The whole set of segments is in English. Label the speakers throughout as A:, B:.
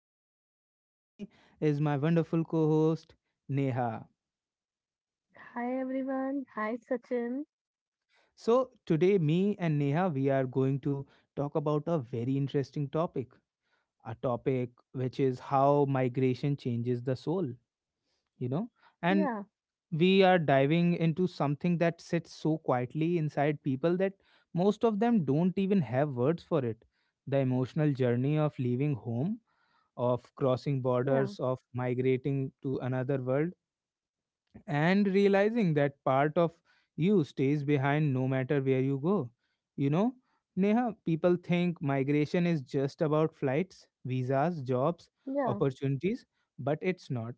A: Sachin, and with me is my wonderful co host, Neha.
B: Hi everyone. Hi Sachin.
A: So, today, me and Neha, we are going to talk about a very interesting topic, a topic which is how migration changes the soul, you know.
B: Yeah,
A: And we are diving into something that sits so quietly inside people that most of them don't even have words for it: the emotional journey of leaving home, of crossing
B: yeah,
A: borders, of migrating to another world, and realizing that part of you stays behind no matter where you go. You know, Neha, people think migration is just about flights, visas, jobs,
B: yeah,
A: opportunities, but it's not.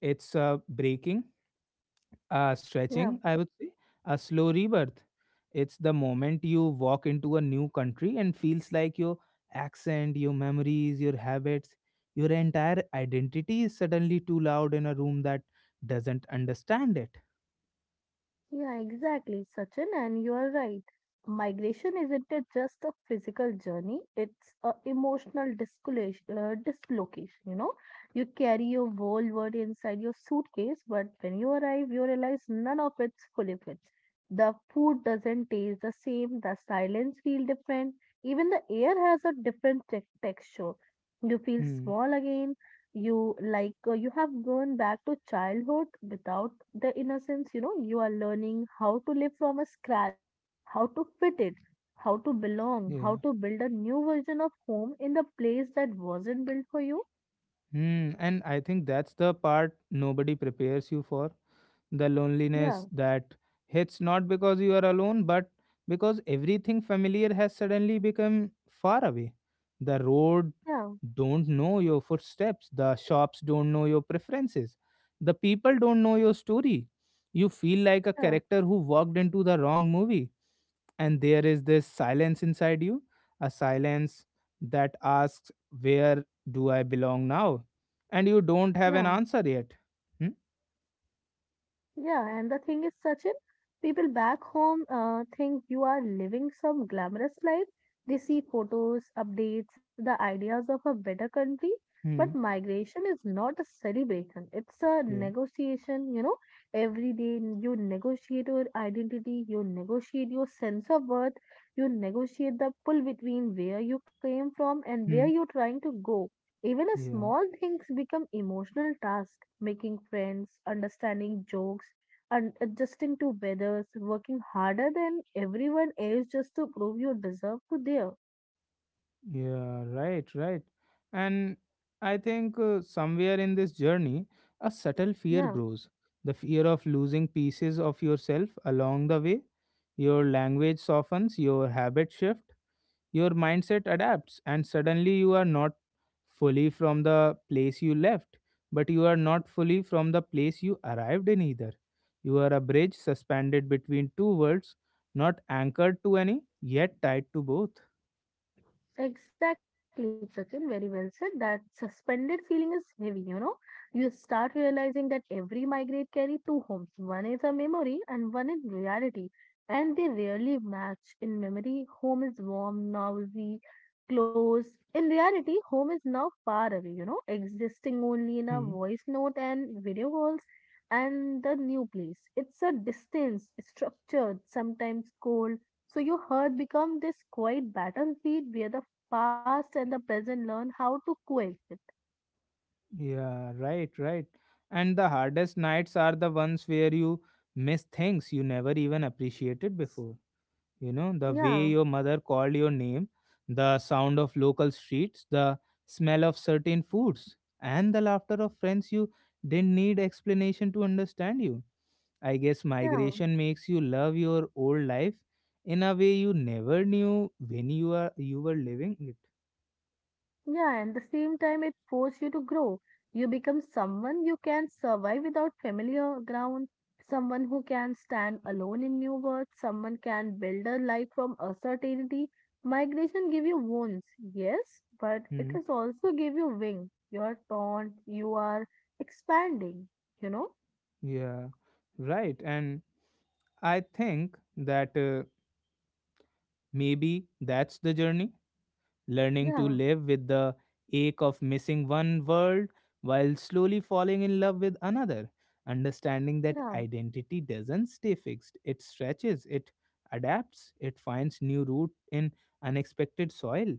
A: It's breaking,
B: yeah,
A: stretching, I would say, a slow rebirth. It's the moment you walk into a new country and feels like your accent, your memories, your habits, your entire identity is suddenly too loud in a room that doesn't understand it.
B: yeah, exactly, Sachin. And you are right. Migration isn't it just a physical journey, it's a emotional dislocation, dislocation, you know. You carry your whole world inside your suitcase, but when you arrive, you realize none of it fully fits. The food doesn't taste the same, the silence feel different, even the air has a different texture. You feel
A: Hmm.
B: small again. You have gone back to childhood without the innocence. You are learning how to live from a scratch, how to fit it, how to belong, how
A: Yeah.
B: to build a new version of home in the place that wasn't built for you.
A: And I think that's the part nobody prepares you for. The
B: Yeah,
A: loneliness that hits not because you are alone, but because everything familiar has suddenly become far away. The road
B: yeah,
A: don't know your footsteps, the shops don't know your preferences, the people don't know your story. You feel like a
B: yeah,
A: character who walked into the wrong movie, and there is this silence inside you, a silence that asks, where do I belong now? And you don't have an
B: yeah.
A: answer yet. Hmm?
B: Yeah, and the thing is, Sachin, people back home think you are living some glamorous life. They see photos, updates, the ideas of a better country. But
A: Hmm.
B: migration is not a celebration, it's a
A: Yeah.
B: negotiation. Every day you negotiate your identity, you negotiate your sense of worth, you negotiate the pull between where you came from and where
A: Hmm.
B: you're trying to go. Even a
A: Yeah.
B: small things become emotional tasks, making friends, understanding jokes, and adjusting to weathers, working harder than everyone else just to prove you deserve to there.
A: Yeah. Right. Right. And I think somewhere in this journey, a subtle fear
B: Yeah.
A: grows: the fear of losing pieces of yourself along the way. Your language softens, your habit shift, your mindset adapts, and suddenly you are not fully from the place you left, but you are not fully from the place you arrived in either. You are a bridge suspended between two worlds, not anchored to any, yet tied to both.
B: Exactly, Sachin. Very well said. That suspended feeling is heavy, you know. You start realizing that every migrate carry two homes. One is a memory and one is reality. And they rarely match. In memory, home is warm, noisy, close. In reality, home is now far away, existing only in a
A: Hmm.
B: voice note and video calls, and the new place. It's a distance, structured, sometimes cold. So your heart becomes this quiet battlefield where the past and the present learn how to coexist.
A: Yeah, right, right. And the hardest nights are the ones where you miss things you never even appreciated before: the way
B: Yeah,
A: your mother called your name, the sound of local streets, the smell of certain foods, and the laughter of friends you didn't need explanation to understand you. I guess
B: yeah,
A: migration makes you love your old life in a way you never knew when you were living it.
B: yeah. And the same time, it forces you to grow. You become someone you can survive without familiar ground, someone who can stand alone in new worlds, someone can build a life from uncertainty. Migration give you wounds, yes, but it
A: Hmm.
B: is also give you wings. You are torn, you are expanding, you know?
A: Yeah, right, and I think that maybe that's the journey, learning to
B: Yeah,
A: live with the ache of missing one world while slowly falling in love with another, understanding that
B: yeah.
A: identity doesn't stay fixed, it stretches, it adapts, it finds new root in unexpected soil.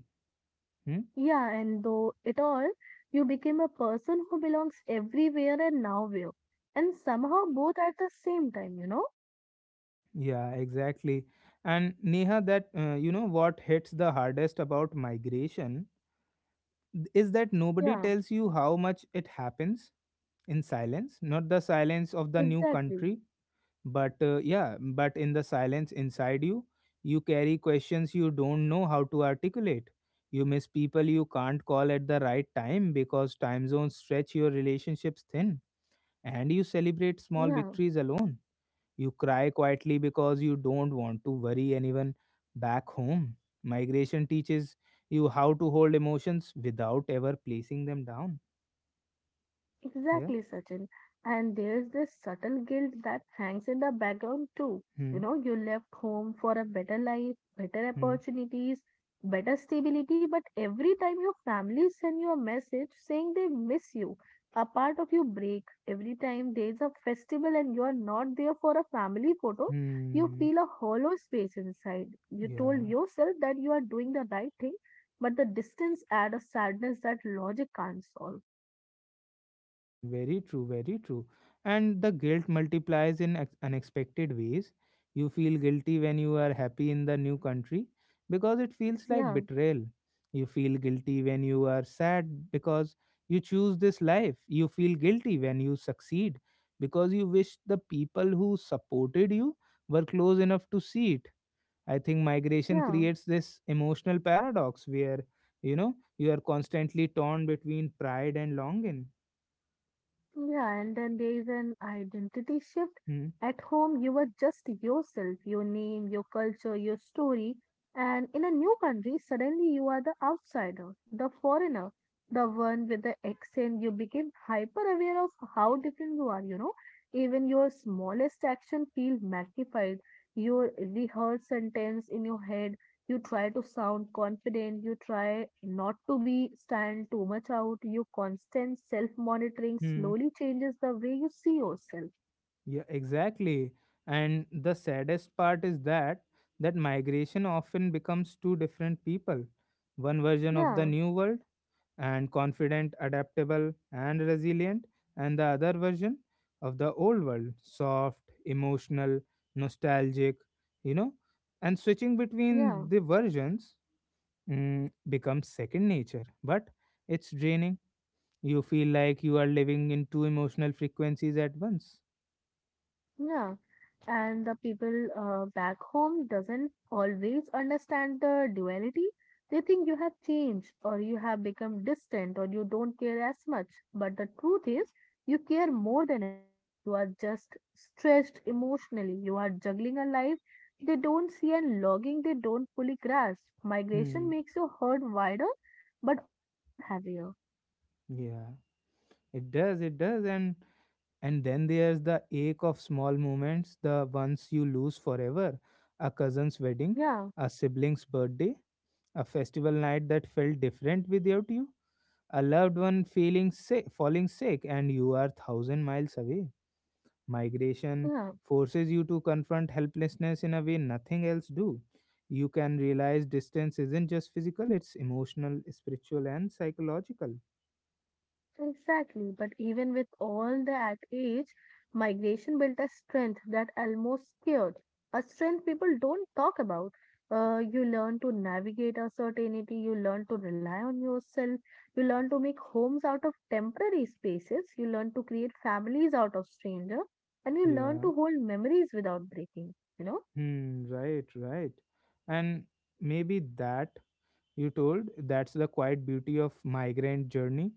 A: Hmm?
B: Yeah, and though it all, you became a person who belongs everywhere and nowhere, and somehow both at the same time, you know?
A: Yeah, exactly. And Neha, that you know what hits the hardest about migration is that nobody
B: Yeah,
A: tells you how much it happens in silence, not the silence of the new
B: exactly.
A: country, but in the silence inside you. You carry questions you don't know how to articulate. You miss people you can't call at the right time because time zones stretch your relationships thin, and you celebrate small
B: Yeah.
A: victories alone. You cry quietly because you don't want to worry anyone back home. Migration teaches you how to hold emotions without ever placing them down. Yeah.
B: Exactly, Sachin. And there's this subtle guilt that hangs in the background too.
A: Hmm.
B: You left home for a better life, better
A: Hmm.
B: opportunities, better stability, but every time your family send you a message saying they miss you, a part of you break. Every time there's a festival and you're not there for a family photo, you
A: Hmm.
B: feel a hollow space inside. You told
A: Yeah.
B: yourself that you are doing the right thing, but the distance adds a sadness that logic can't solve.
A: Very true, very true. And the guilt multiplies in unexpected ways. You feel guilty when you are happy in the new country because it feels like
B: Yeah,
A: betrayal. You feel guilty when you are sad because you choose this life. You feel guilty when you succeed because you wish the people who supported you were close enough to see it. I think migration
B: yeah.
A: creates this emotional paradox where, you are constantly torn between pride and longing.
B: Yeah, and then there is an identity shift.
A: Hmm.
B: At home, you are just yourself, your name, your culture, your story. And in a new country, suddenly you are the outsider, the foreigner, the one with the accent. You become hyper aware of how different you are. Even your smallest action feels magnified. Your rehearsed sentence in your head, you try to sound confident, you try not to be stand too much out, your constant self monitoring
A: Hmm.
B: slowly changes the way you see yourself.
A: Yeah, exactly. And the saddest part is that migration often becomes two different people. One version of the
B: Yeah,
A: new world, and confident, adaptable, and resilient, and the other version of the old world, soft, emotional, nostalgic, you know. And switching
B: yeah.
A: between the versions becomes second nature, but it's draining. You feel like you are living in two emotional frequencies at once.
B: Yeah, and the people back home doesn't always understand the duality. They think you have changed or you have become distant or you don't care as much. But the truth is, you care more than ever. You are just stretched emotionally. You are juggling a life they don't see and logging they don't fully grasp. Migration
A: Hmm.
B: makes your heart wider but also heavier.
A: Yeah, it does, and then there's the ache of small moments, the ones you lose forever. A cousin's wedding,
B: Yeah,
A: a sibling's birthday, a festival night that felt different without you, a loved one feeling sick, falling sick, and you are thousand miles away. Migration
B: yeah.
A: forces you to confront helplessness in a way nothing else do. You can realize distance isn't just physical; it's emotional, spiritual, and psychological.
B: Exactly, but even with all that age, migration built a strength that almost scared. A strength people don't talk about. You learn to navigate uncertainty, you learn to rely on yourself, you learn to make homes out of temporary spaces, you learn to create families out of stranger, and you learn
A: Yeah.
B: to hold memories without breaking, you know?
A: Hmm, right, right. And maybe that you told that's the quiet beauty of migrant journey,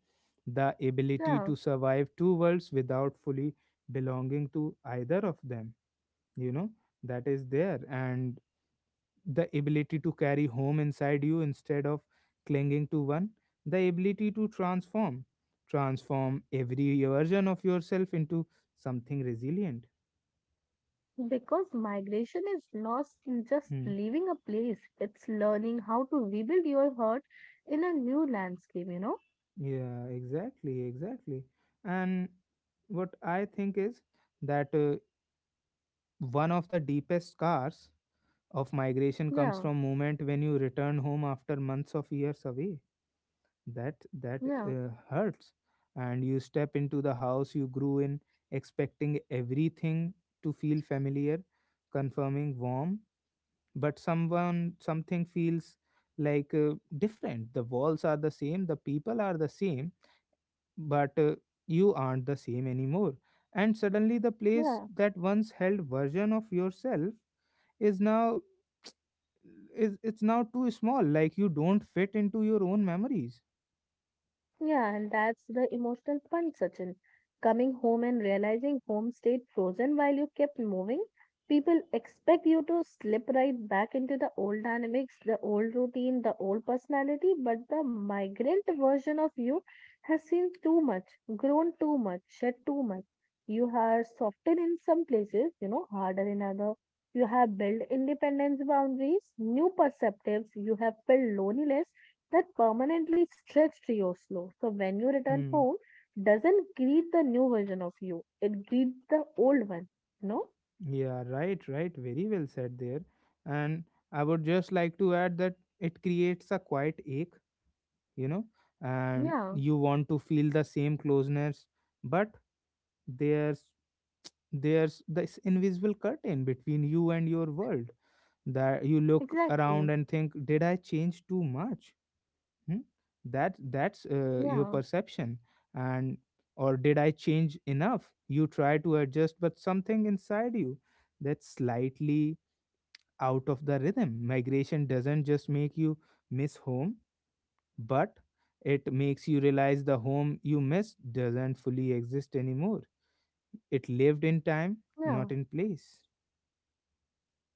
A: the ability
B: Yeah.
A: to survive two worlds without fully belonging to either of them, you know, that is there, and the ability to carry home inside you instead of clinging to one, the ability to transform, every version of yourself into something resilient.
B: Because migration is lost in just
A: Hmm.
B: leaving a place. It's learning how to rebuild your heart in a new landscape, you know?
A: Yeah, exactly, exactly. And what I think is that one of the deepest scars of migration comes
B: Yeah,
A: from moment when you return home after months of years away. That that
B: yeah,
A: uh, hurts, and you step into the house you grew in, expecting everything to feel familiar, confirming warm, but someone something feels different. The walls are the same, the people are the same, but you aren't the same anymore, and suddenly the place
B: yeah.
A: that once held version of yourself is now is it's now too small, like you don't fit into your own memories.
B: Yeah, and that's the emotional punch, Sachin. Coming home and realizing home stayed frozen while you kept moving, people expect you to slip right back into the old dynamics, the old routine, the old personality, but the migrant version of you has seen too much, grown too much, shed too much. You have softened in some places, harder in other. You have built independence boundaries, new perceptives. You have felt loneliness that permanently stretched your slow. So when you return
A: Hmm.
B: home, doesn't greet the new version of you. It greets the old one. No?
A: Yeah, right, right, very well said there. And I would just like to add that it creates a quiet ache. you know and
B: Yeah,
A: you want to feel the same closeness, but there's there's this invisible curtain between you and your world, that you look
B: exactly.
A: around and think, did I change too much? Hmm? That's your
B: Yeah,
A: perception. And, or did I change enough? You try to adjust, but something inside you, that's slightly out of the rhythm. Migration doesn't just make you miss home, but it makes you realize the home you miss doesn't fully exist anymore. It lived in time,
B: yeah.
A: not in place.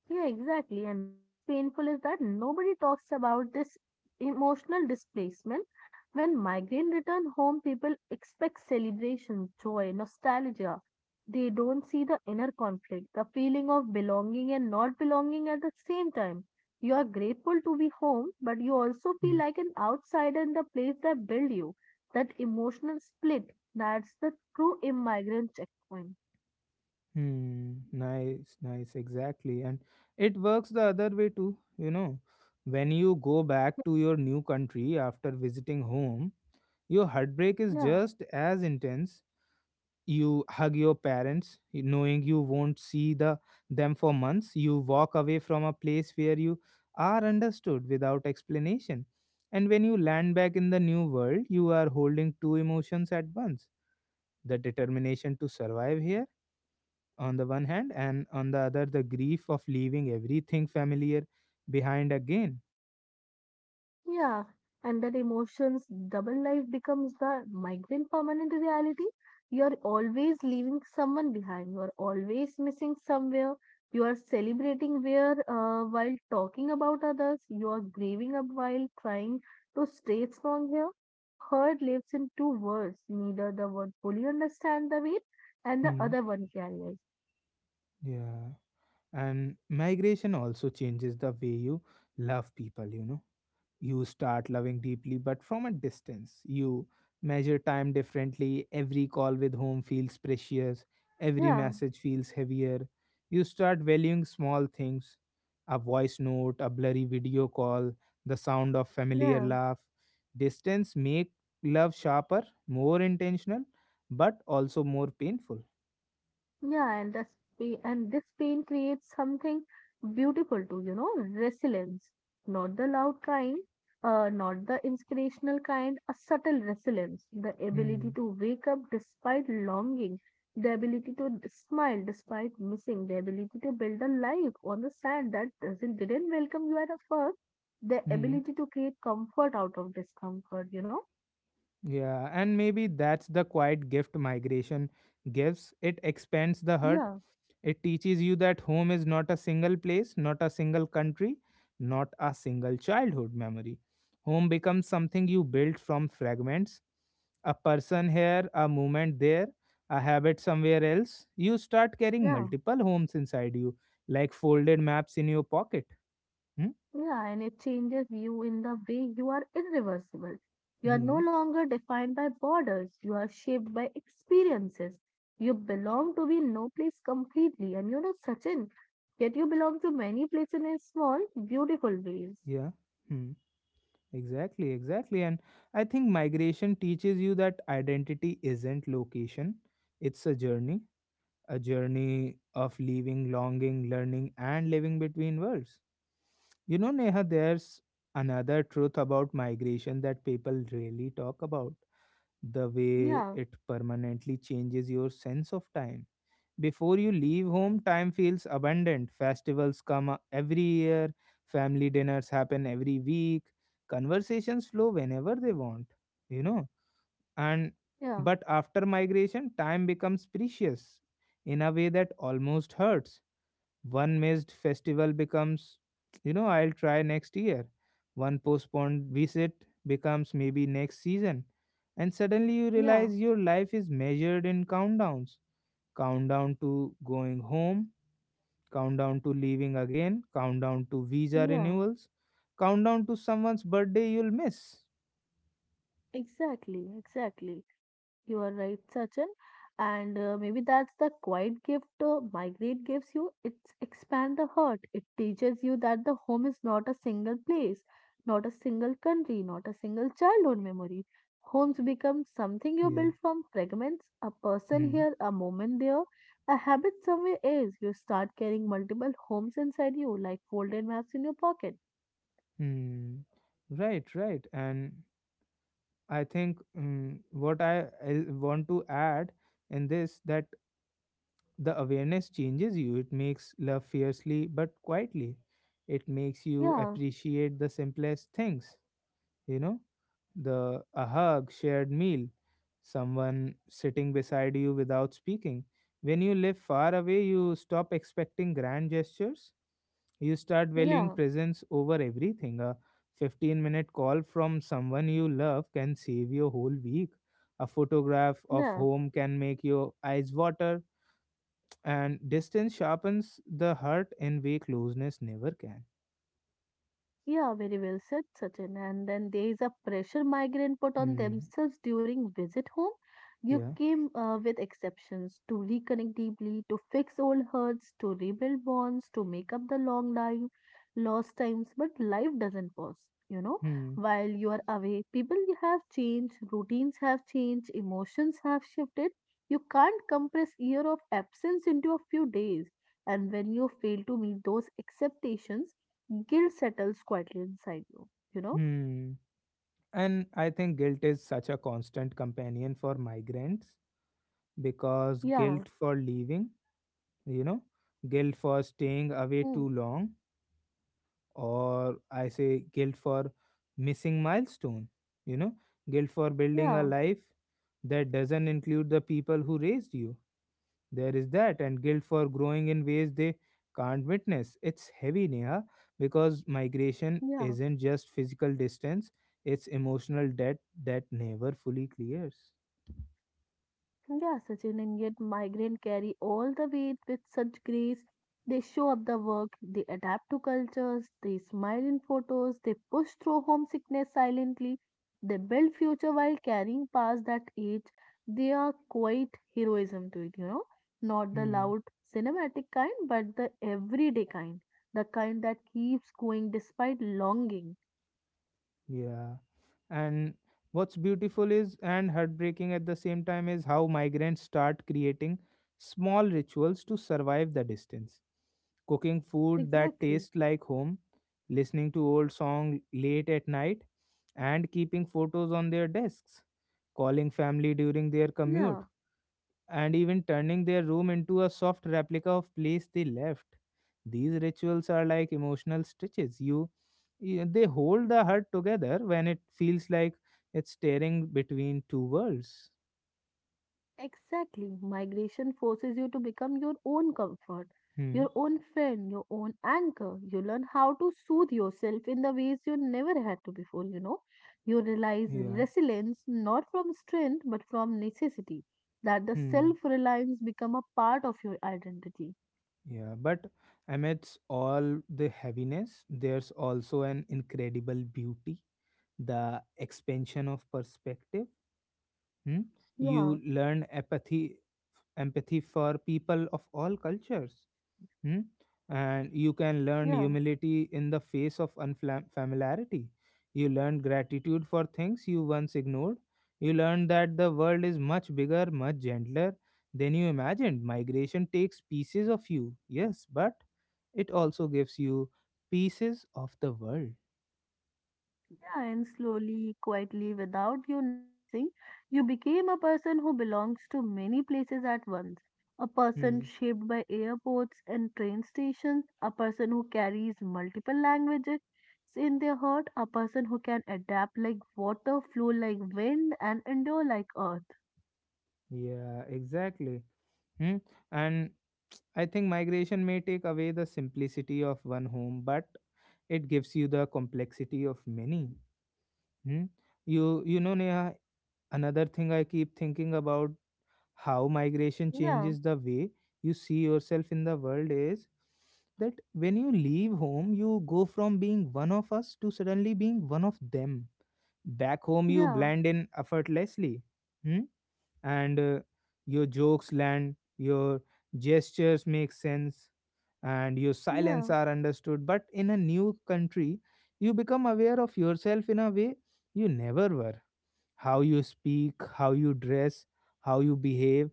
B: Yeah, exactly. And what's painful is that nobody talks about this emotional displacement. When migrant return home, people expect celebration, joy, nostalgia. They don't see the inner conflict, the feeling of belonging and not belonging at the same time. You are grateful to be home, but you also feel
A: Hmm.
B: like an outsider in the place that built you. That emotional split, that's the true immigrant checkpoint.
A: Hmm, nice, nice, exactly. And it works the other way too. When you go back to your new country after visiting home, your heartbreak is
B: Yeah.
A: just as intense. You hug your parents, knowing you won't see them for months. You walk away from a place where you are understood without explanation. And when you land back in the new world, you are holding two emotions at once. The determination to survive here on the one hand, and on the other, the grief of leaving everything familiar behind again.
B: Yeah, and that emotions double life becomes the migrant permanent reality. You're always leaving someone behind. You're always missing somewhere. You are celebrating where while talking about others. You are grieving up while trying to stay strong here. Your hurt lives in two words. Neither the one fully understand the weight and the
A: Hmm.
B: other one carries.
A: Yeah. And migration also changes the way you love people. You start loving deeply, but from a distance. You measure time differently. Every call with home feels precious. Every
B: Yeah,
A: message feels heavier. You start valuing small things: a voice note, a blurry video call, the sound of familiar
B: yeah.
A: laugh. Distance make love sharper, more intentional, but also more painful.
B: Yeah, and this pain creates something beautiful too, resilience. Not the loud kind, not the inspirational kind, a subtle resilience, the ability
A: Hmm.
B: to wake up despite longing, the ability to smile despite missing, the ability to build a life on the sand that doesn't didn't welcome you at first, the
A: Hmm.
B: ability to create comfort out of discomfort, you know?
A: Yeah, and maybe that's the quiet gift migration gives. It expands the hurt
B: Yeah.
A: It teaches you that home is not a single place, not a single country, not a single childhood memory. Home becomes something you build from fragments: a person here, a moment there, a habit somewhere else. You start carrying
B: Yeah.
A: multiple homes inside you, like folded maps in your pocket. Hmm?
B: Yeah, and it changes you in the way you are irreversible. You are no
A: Hmm.
B: longer defined by borders, you are shaped by experiences. You belong to be no place completely, and you're not Sachin. Yet you belong to many places in small, beautiful ways.
A: Yeah. Hmm. Exactly, exactly. And I think migration teaches you that identity isn't location, it's a journey, a journey of leaving, longing, learning, and living between worlds. You know, Neha, there's another truth about migration that people rarely talk about, the way
B: Yeah,
A: it permanently changes your sense of time. Before you leave home, time feels abundant. Festivals come every year, family dinners happen every week, conversations flow whenever they want, you know and
B: yeah,
A: but after migration time becomes precious in a way that almost hurts. One missed festival becomes, you know, I'll try next year. One postponed visit becomes, maybe next season. And suddenly you
B: yeah,
A: realize your life is measured in countdowns: countdown to going home, countdown to leaving again, countdown to visa
B: yeah,
A: renewals, countdown to someone's birthday you'll miss.
B: exactly, exactly. You are right, Sachin. And maybe that's the quiet gift migrate gives you. It's expand the heart. It teaches you that the home is not a single place, not a single country, not a single childhood memory. Homes become something you
A: Yeah.
B: build from fragments, a person
A: Hmm.
B: here, a moment there, a habit somewhere else. You start carrying multiple homes inside you, like folded maps in your pocket.
A: Hmm. Right, right. And I think what I want to add in this, that the awareness changes you. It makes love fiercely but quietly. It makes you
B: Yeah,
A: appreciate the simplest things, you know, the a hug, shared meal, someone sitting beside you without speaking. When you live far away, you stop expecting grand gestures. You start valuing
B: yeah,
A: presence over everything. A 15-minute call from someone you love can save your whole week. A photograph of
B: yeah.
A: home can make your eyes water, and distance sharpens the heart in way closeness never can.
B: Yeah, very well said, Sachin. And then there is a pressure migrant put on
A: Hmm.
B: themselves during visit home. You
A: Yeah.
B: came with exceptions to reconnect deeply, to fix old hurts, to rebuild bonds, to make up the long life, lost times. But life doesn't pause. You know,
A: Hmm.
B: while you are away, people have changed, routines have changed, emotions have shifted. You can't compress year of absence into a few days. And when you fail to meet those expectations, guilt settles quietly inside you, you know?
A: Hmm. And I think guilt is such a constant companion for migrants because
B: Yeah.
A: guilt for leaving, you know, guilt for staying away
B: Hmm.
A: too long or I say guilt for missing milestone, you know, guilt for building a
B: Yeah,
A: life that doesn't include the people who raised you. There is that, and guilt for growing in ways they can't witness. It's heavy, Neha, because migration
B: yeah,
A: isn't just physical distance, it's emotional debt that never fully clears.
B: yeah, Sachin. And yet, migrant carry all the weight with such grace. They show up the work, they adapt to cultures, they smile in photos, they push through homesickness silently, they build future while carrying past that age. They are quite heroism to it, you know? Not the
A: Hmm.
B: loud cinematic kind, but the everyday kind, the kind that keeps going despite longing.
A: Yeah. And what's beautiful is and heartbreaking at the same time is how migrants start creating small rituals to survive the distance. Cooking food that
B: Exactly.
A: tastes like home, listening to old song late at night, and keeping photos on their desks, calling family during their
B: Yeah,
A: commute and even turning their room into a soft replica of place they left, these rituals are like emotional stitches, they hold the heart together when it feels like it's tearing between two worlds.
B: exactly. Migration forces you to become your own comfort,
A: Hmm.
B: your own friend, your own anchor. You learn how to soothe yourself in the ways you never had to before, you know. You realize
A: Yeah.
B: resilience not from strength but from necessity, that the
A: Hmm.
B: self reliance become a part of your identity.
A: Yeah, but amidst all the heaviness there's also an incredible beauty, the expansion of perspective. Hmm?
B: Yeah,
A: You learn empathy, empathy for people of all cultures. Hmm? And you can learn
B: yeah.
A: humility in the face of unfamiliarity. You learn gratitude for things you once ignored. You learn that the world is much bigger, much gentler than you imagined. Migration takes pieces of you, yes, but it also gives you pieces of the world.
B: Yeah, and slowly, quietly, without you noticing, you became a person who belongs to many places at once. A person
A: Hmm.
B: shaped by airports and train stations, a person who carries multiple languages in their heart, a person who can adapt like water, flow like wind, and endure like earth.
A: Yeah, exactly. Hmm. And I think migration may take away the simplicity of one home, but it gives you the complexity of many. Hmm. You know Neha, another thing I keep thinking about, how migration
B: Yeah,
A: changes the way you see yourself in the world is that when you leave home, you go from being one of us to suddenly being one of them. Back home, you
B: yeah,
A: blend in effortlessly. Hmm? And your jokes land, your gestures make sense, and your silence
B: yeah,
A: are understood. But in a new country, you become aware of yourself in a way you never were, how you speak, how you dress, how you behave,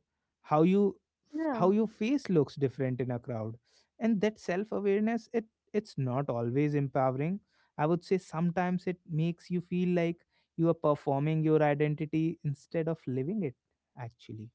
A: how you,
B: yeah.
A: how your face looks different in a crowd, and that self awareness, it's not always empowering. I would say sometimes it makes you feel like you are performing your identity instead of living it actually.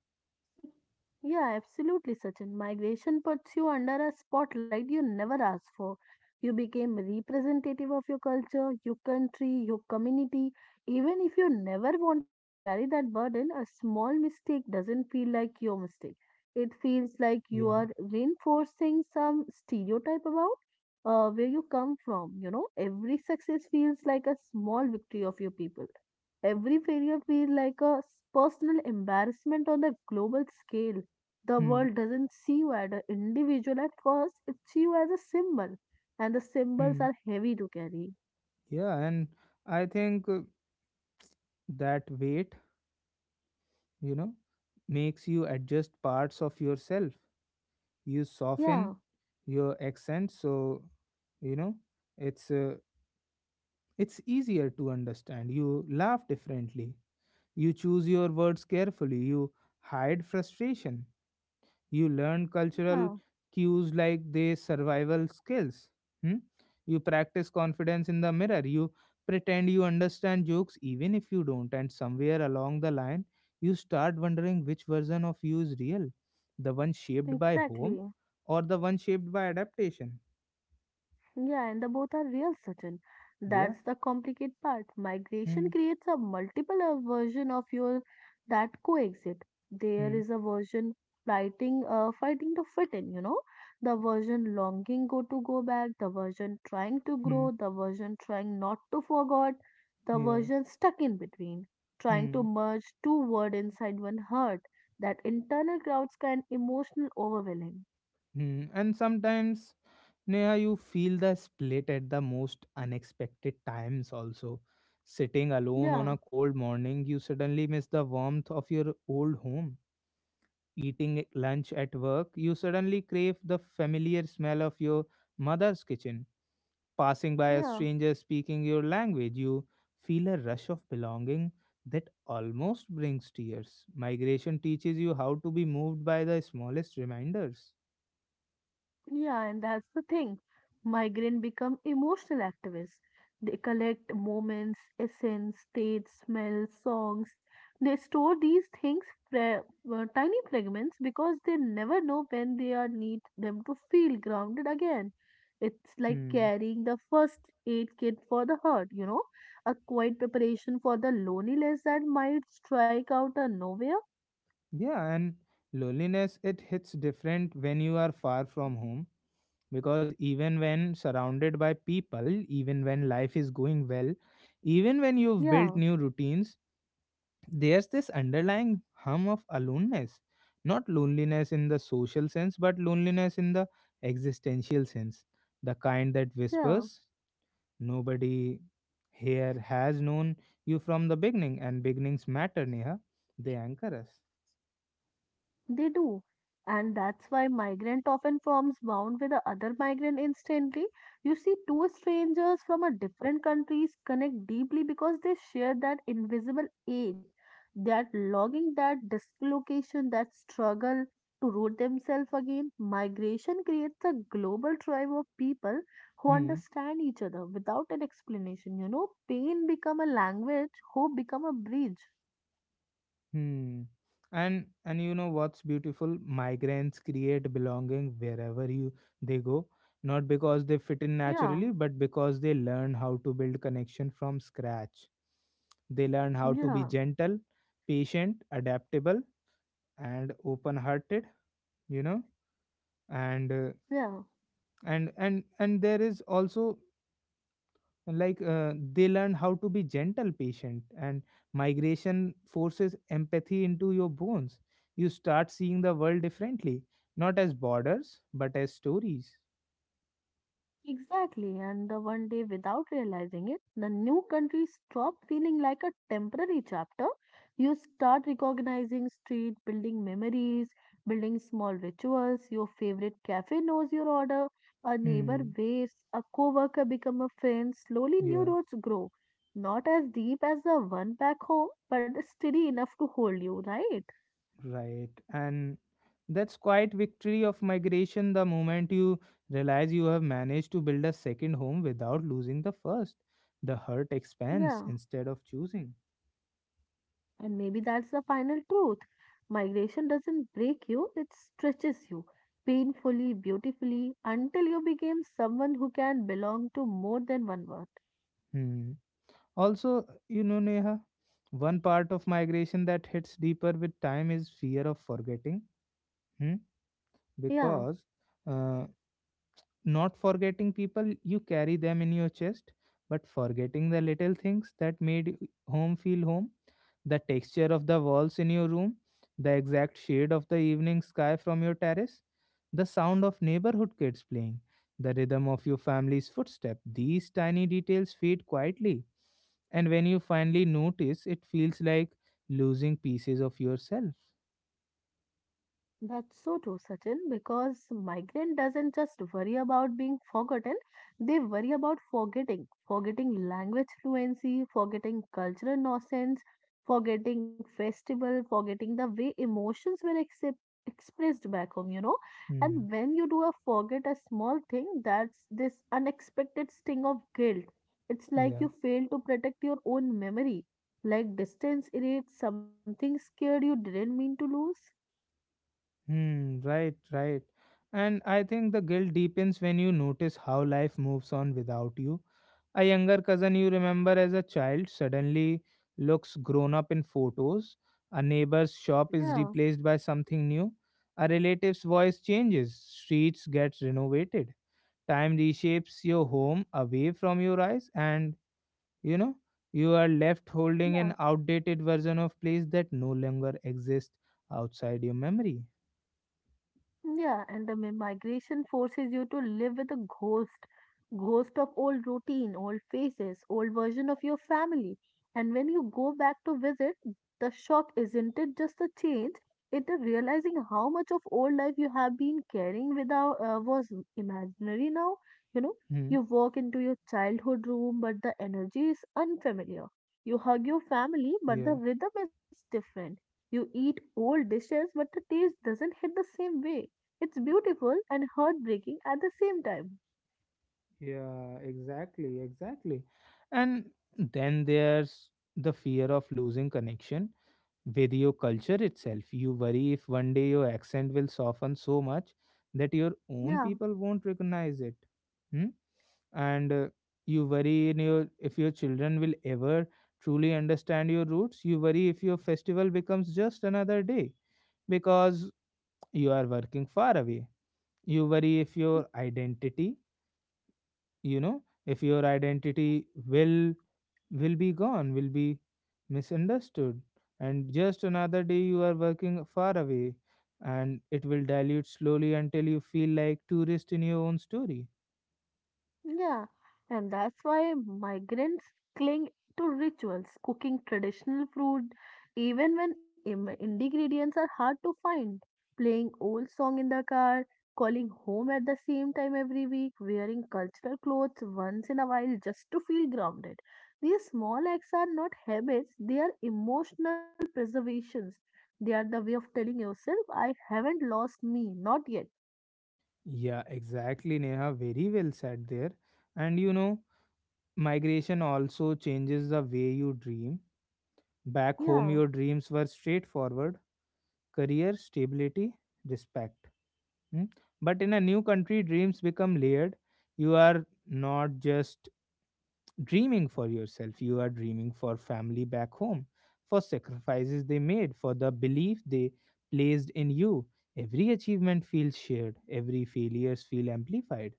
B: Yeah, absolutely, Sachin. Migration puts you under a spotlight you never asked for. You became representative of your culture, your country, your community. Even if you never wanted to carry that burden, a small mistake doesn't feel like your mistake. It feels like you are
A: Yeah.
B: reinforcing some stereotype about where you come from. Every success feels like a small victory of your people. Every failure feels like a personal embarrassment on the global scale. The
A: Hmm.
B: world doesn't see you as an individual at first, it sees you as a symbol, and the symbols
A: Hmm.
B: are heavy to carry.
A: Yeah and I think that weight, you know, makes you adjust parts of yourself. You soften
B: Yeah,
A: your accent so, you know it's uh, it's easier to understand, you laugh differently, you choose your words carefully, you hide frustration, you learn cultural
B: yeah,
A: cues like they survival skills. Hmm? You practice confidence in the mirror, you pretend you understand jokes even if you don't, and somewhere along the line you start wondering which version of you is real, the one shaped by home
B: exactly.
A: or the one shaped by adaptation.
B: Yeah, and the both are real certain.
A: Yeah.
B: That's the complicated part.
A: Hmm.
B: Migration creates a multiple version of your that coexist. There
A: Hmm.
B: is a version fighting, fighting to fit in. You know, the version longing go back, the version trying to
A: Hmm.
B: grow, the version trying not to forget, the
A: Yeah.
B: version stuck in between, trying to
A: Hmm.
B: merge two word inside one heart. That internal crowds can emotional overwhelming.
A: Hmm. And sometimes, Neha, you feel the split at the most unexpected times also. Sitting alone on a
B: Yeah,
A: cold morning, you suddenly miss the warmth of your old home. Lunch at work, you suddenly crave the familiar smell of your mother's kitchen. Passing by a
B: yeah.
A: stranger speaking your language, you feel a rush of belonging that almost brings tears. Migration teaches you how to be moved by the smallest reminders.
B: Yeah, and that's the thing. Migrants become emotional activists. They collect moments, essence, states, smells, songs. They store these things, fra- tiny fragments, because they never know when they are need them to feel grounded again. It's like
A: Hmm.
B: carrying the first aid kit for the hurt, you know, a quiet preparation for the loneliness that might strike out of nowhere.
A: Yeah, and loneliness, it hits different when you are far from home, because even when surrounded by people, even when life is going well, even when you've
B: Yeah,
A: built new routines, there's this underlying hum of aloneness. Not loneliness in the social sense, but loneliness in the existential sense. The kind that
B: yeah.
A: whispers, nobody here has known you from the beginning, and beginnings matter, Neha. They anchor us.
B: They do. And that's why migrant often forms bond with the other migrant instantly. You see, two strangers from a different countries connect deeply because they share that invisible ache, that longing, that dislocation, that struggle to root themselves again. Migration creates a global tribe of people who
A: Hmm.
B: understand each other without an explanation. You know, pain become a language, hope become a bridge.
A: Hmm. And you know what's beautiful? Migrants create belonging wherever you they go, not because they fit in
B: Yeah,
A: naturally, but because they learn how to build connection from scratch. They learn how to be
B: yeah,
A: gentle, patient, adaptable, and open-hearted. You know, and uh,
B: yeah.
A: and there is also like they learn how to be gentle patient and migration forces empathy into your bones, you start seeing the world differently, not as borders but as stories.
B: Exactly, and the one day without realizing it, the new country stopped feeling like a temporary chapter. You start recognizing street, building memories, building small rituals. Your favorite cafe knows your order, a neighbor
A: Hmm.
B: waves, a coworker become a friend. Slowly, new
A: Yeah,
B: roads grow, not as deep as the one back home, but steady enough to hold you, right?
A: right, and that's quite victory of migration, the moment you realize you have managed to build a second home without losing the first, the hurt expands
B: Yeah.
A: instead of choosing.
B: And maybe that's the final truth. Migration doesn't break you, it stretches you painfully, beautifully, until you become someone who can belong to more than one world.
A: Hmm. Also, you know, Neha, one part of migration that hits deeper with time is fear of forgetting. Hmm?
B: Yeah.
A: Because uh, not forgetting people, you carry them in your chest, but forgetting the little things that made home feel home, the texture of the walls in your room, the exact shade of the evening sky from your terrace, the sound of neighborhood kids playing, the rhythm of your family's footstep. These tiny details fade quietly and when you finally notice it feels like losing pieces of yourself.
B: That's so true, Sachin, because migrant doesn't just worry about being forgotten, they worry about forgetting, forgetting language fluency, forgetting cultural nonsense, forgetting festival, forgetting the way emotions were excep expressed back home, you know. And
A: Hmm.
B: when you do a forget a small thing, that's this unexpected sting of guilt. It's like
A: Yeah.
B: you fail to protect your own memory, like distance erased something scared you didn't mean to lose.
A: Hmm. Right, right, and I think the guilt deepens when you notice how life moves on without you, a younger cousin you remember as a child suddenly looks grown up in photos, a neighbor's shop is
B: Yeah.
A: replaced by something new, a relative's voice changes, streets get renovated, time reshapes your home away from your eyes and, you know, you are left holding an
B: Yeah,
A: outdated version of place that no longer exists outside your memory.
B: Yeah, and the migration forces you to live with a ghost, ghost of old routine, old faces, old version of your family. And when you go back to visit, the shock isn't it just a change? It is realizing how much of old life you have been carrying without was imaginary now. You know,
A: Hmm.
B: you walk into your childhood room, but the energy is unfamiliar. You hug your family, but the
A: Yeah.
B: rhythm is different. You eat old dishes, but the taste doesn't hit the same way it's beautiful and heartbreaking at the same time.
A: Yeah, exactly, exactly, and then there's the fear of losing connection with your culture itself. You worry if one day your accent will soften so much that your own
B: Yeah,
A: people won't recognize it. Hmm. And you worry in your if your children will ever truly understand your roots, you worry if your festival becomes just another day because you are working far away, you worry if your identity, you know, if your identity will be gone, will be misunderstood, and just another day you are working far away and it will dilute slowly until you feel like tourist in your own story.
B: yeah. And that's why migrants cling to rituals, cooking traditional food even when ingredients are hard to find, playing old song in the car, calling home at the same time every week, wearing cultural clothes once in a while just to feel grounded. These small acts are not habits, they are emotional preservations. They are the way of telling yourself, I haven't lost me, not yet.
A: Yeah, exactly, Neha. Very well said there. And you know, migration also changes the way you dream. Back home,
B: Yeah,
A: your dreams were straightforward, career, stability, respect. Hmm? But in a new country, dreams become layered. You are not just dreaming for yourself, you are dreaming for family back home, for sacrifices they made, for the belief they placed in you. Every achievement feels shared, every failures feel amplified.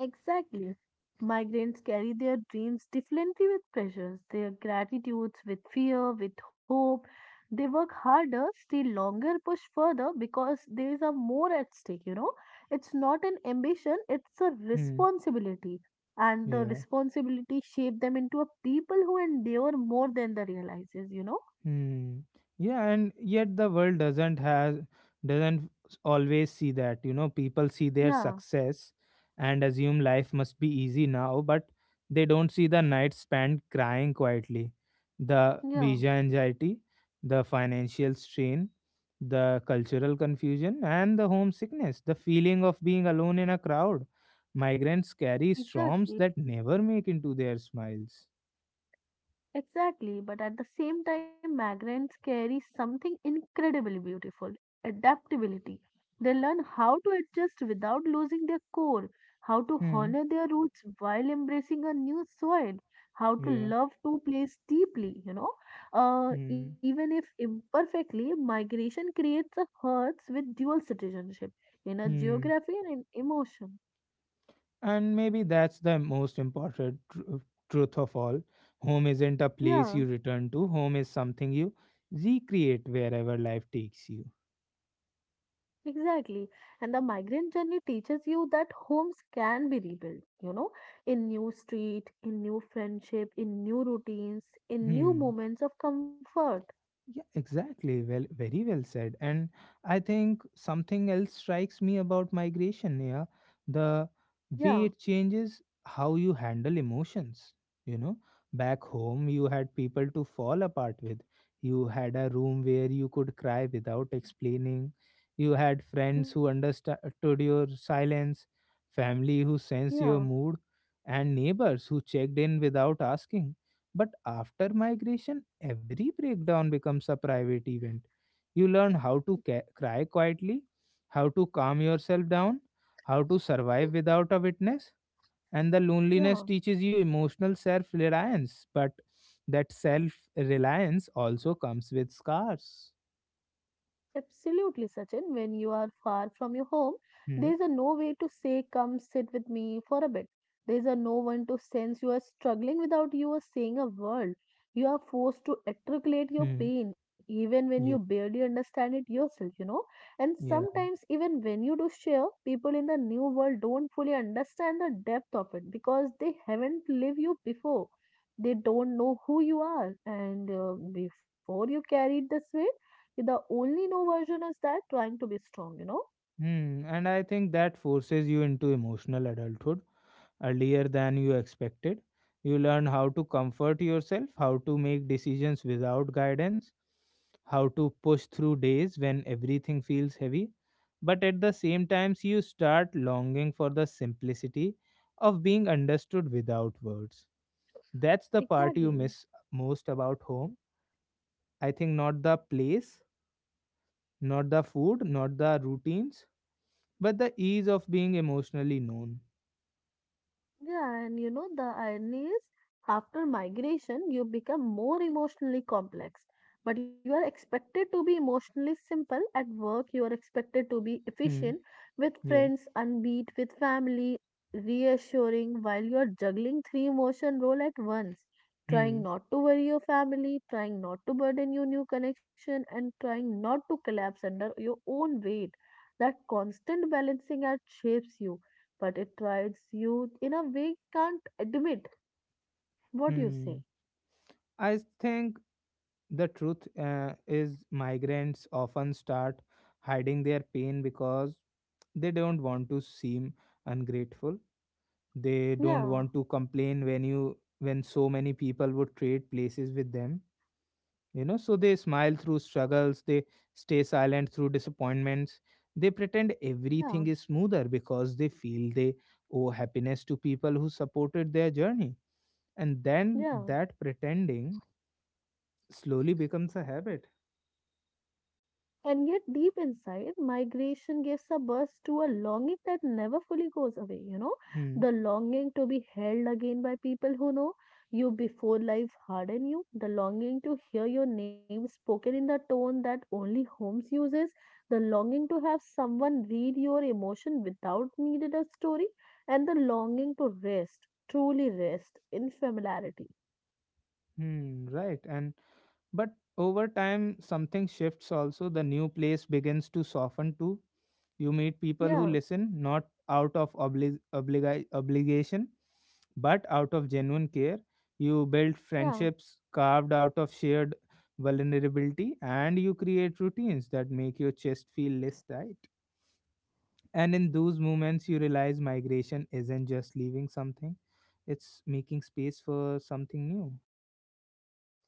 B: exactly. Migrants carry their dreams differently with pressures, their gratitudes with fear, with hope. They work harder, stay longer, push further because there is a more at stake, you know. It's not an ambition, it's a
A: Hmm.
B: responsibility. And the
A: Yeah.
B: responsibility shape them into a people who endure more than the realizes, you know?
A: Hmm. Yeah, and yet the world doesn't always see that. You know, people see their
B: Yeah,
A: success and assume life must be easy now, but they don't see the night spent crying quietly, the
B: yeah,
A: visa anxiety, the financial strain, the cultural confusion, and the homesickness, the feeling of being alone in a crowd. Migrants carry
B: exactly.
A: storms that never make into their smiles.
B: Exactly, but at the same time, migrants carry something incredibly beautiful adaptability. They learn how to adjust without losing their core, how to
A: Hmm.
B: honor their roots while embracing a new soil, how to
A: Yeah.
B: love two place deeply, you know.
A: Hmm.
B: Even if imperfectly, migration creates a hearts with dual citizenship in a
A: Hmm.
B: geography and in emotion.
A: And maybe that's the most important truth of all. Home isn't a place
B: Yeah,
A: you return to, home is something you recreate wherever life takes you.
B: Exactly. And the migrant journey teaches you that homes can be rebuilt, you know, in new street, in new friendship, in new routines, in new
A: Hmm.
B: moments of comfort.
A: Yeah, exactly. Well, very well said. And I think something else strikes me about migration, yeah, the way
B: Yeah,
A: it changes how you handle emotions. You know, back home, you had people to fall apart with. You had a room where you could cry without explaining. You had friends
B: yeah,
A: who understood your silence, family who sensed your
B: yeah,
A: mood, and neighbors who checked in without asking, but after migration, every breakdown becomes a private event. You learn how to cry quietly, how to calm yourself down, how to survive without a witness, and the loneliness
B: yeah.
A: teaches you emotional self reliance. But that self reliance also comes with scars.
B: Absolutely, Sachin. When you are far from your home,
A: Hmm.
B: there's a no way to say, Come sit with me for a bit. There's a no one to sense you are struggling without you are saying a word. You are forced to articulate your
A: Hmm.
B: pain even when you
A: Yeah.
B: barely understand it yourself, you know. And
A: Yeah.
B: sometimes, even when you do share, people in the new world don't fully understand the depth of it because they haven't lived you before. They don't know who you are, and before you carried this weight the only no version is that trying to be strong, you know?
A: Hmm, and I think that forces you into emotional adulthood earlier than you expected. You learn how to comfort yourself, how to make decisions without guidance, how to push through days when everything feels heavy. But at the same times, you start longing for the simplicity of being understood without words. That's the part you
B: Exactly.
A: miss most about home. I think not the place, not the food, not the routines, but the ease of being emotionally known.
B: Yeah, and you know, the irony is after migration, you become more emotionally complex, but you are expected to be emotionally simple at work. You are expected to be
A: Hmm.
B: efficient with
A: Yeah.
B: friends, unbeat with family, reassuring while you are juggling three emotion role at once,
A: Hmm.
B: trying not to worry your family, trying not to burden your new connection, and trying not to collapse under your own weight. That constant balancing act shapes you but it rides you in a way you can't admit what you say.
A: Hmm. I think the truth is migrants often start hiding their pain because they don't want to seem ungrateful. They don't
B: Yeah,
A: want to complain when you when so many people would trade places with them. You know, so they smile through struggles, they stay silent through disappointments, they pretend
B: yeah,
A: everything is smoother because they feel they owe happiness to people who supported their journey, and then
B: yeah.
A: that pretending slowly becomes a habit.
B: And yet, deep inside, migration gives a burst to a longing that never fully goes away, you know,
A: Hmm.
B: the longing to be held again by people who know you before life hardened you, the longing to hear your name spoken in the tone that only Holmes uses, the longing to have someone read your emotion without needed a story, and the longing to rest, truly rest in familiarity.
A: Hmm. Right. And But over time, something shifts also. The new place begins to soften too. You meet people who
B: Yeah,
A: listen, not out of obligation, but out of genuine care. You build
B: yeah.
A: friendships carved out of shared vulnerability, and you create routines that make your chest feel less tight. And in those moments, you realize migration isn't just leaving something, it's making space for something new.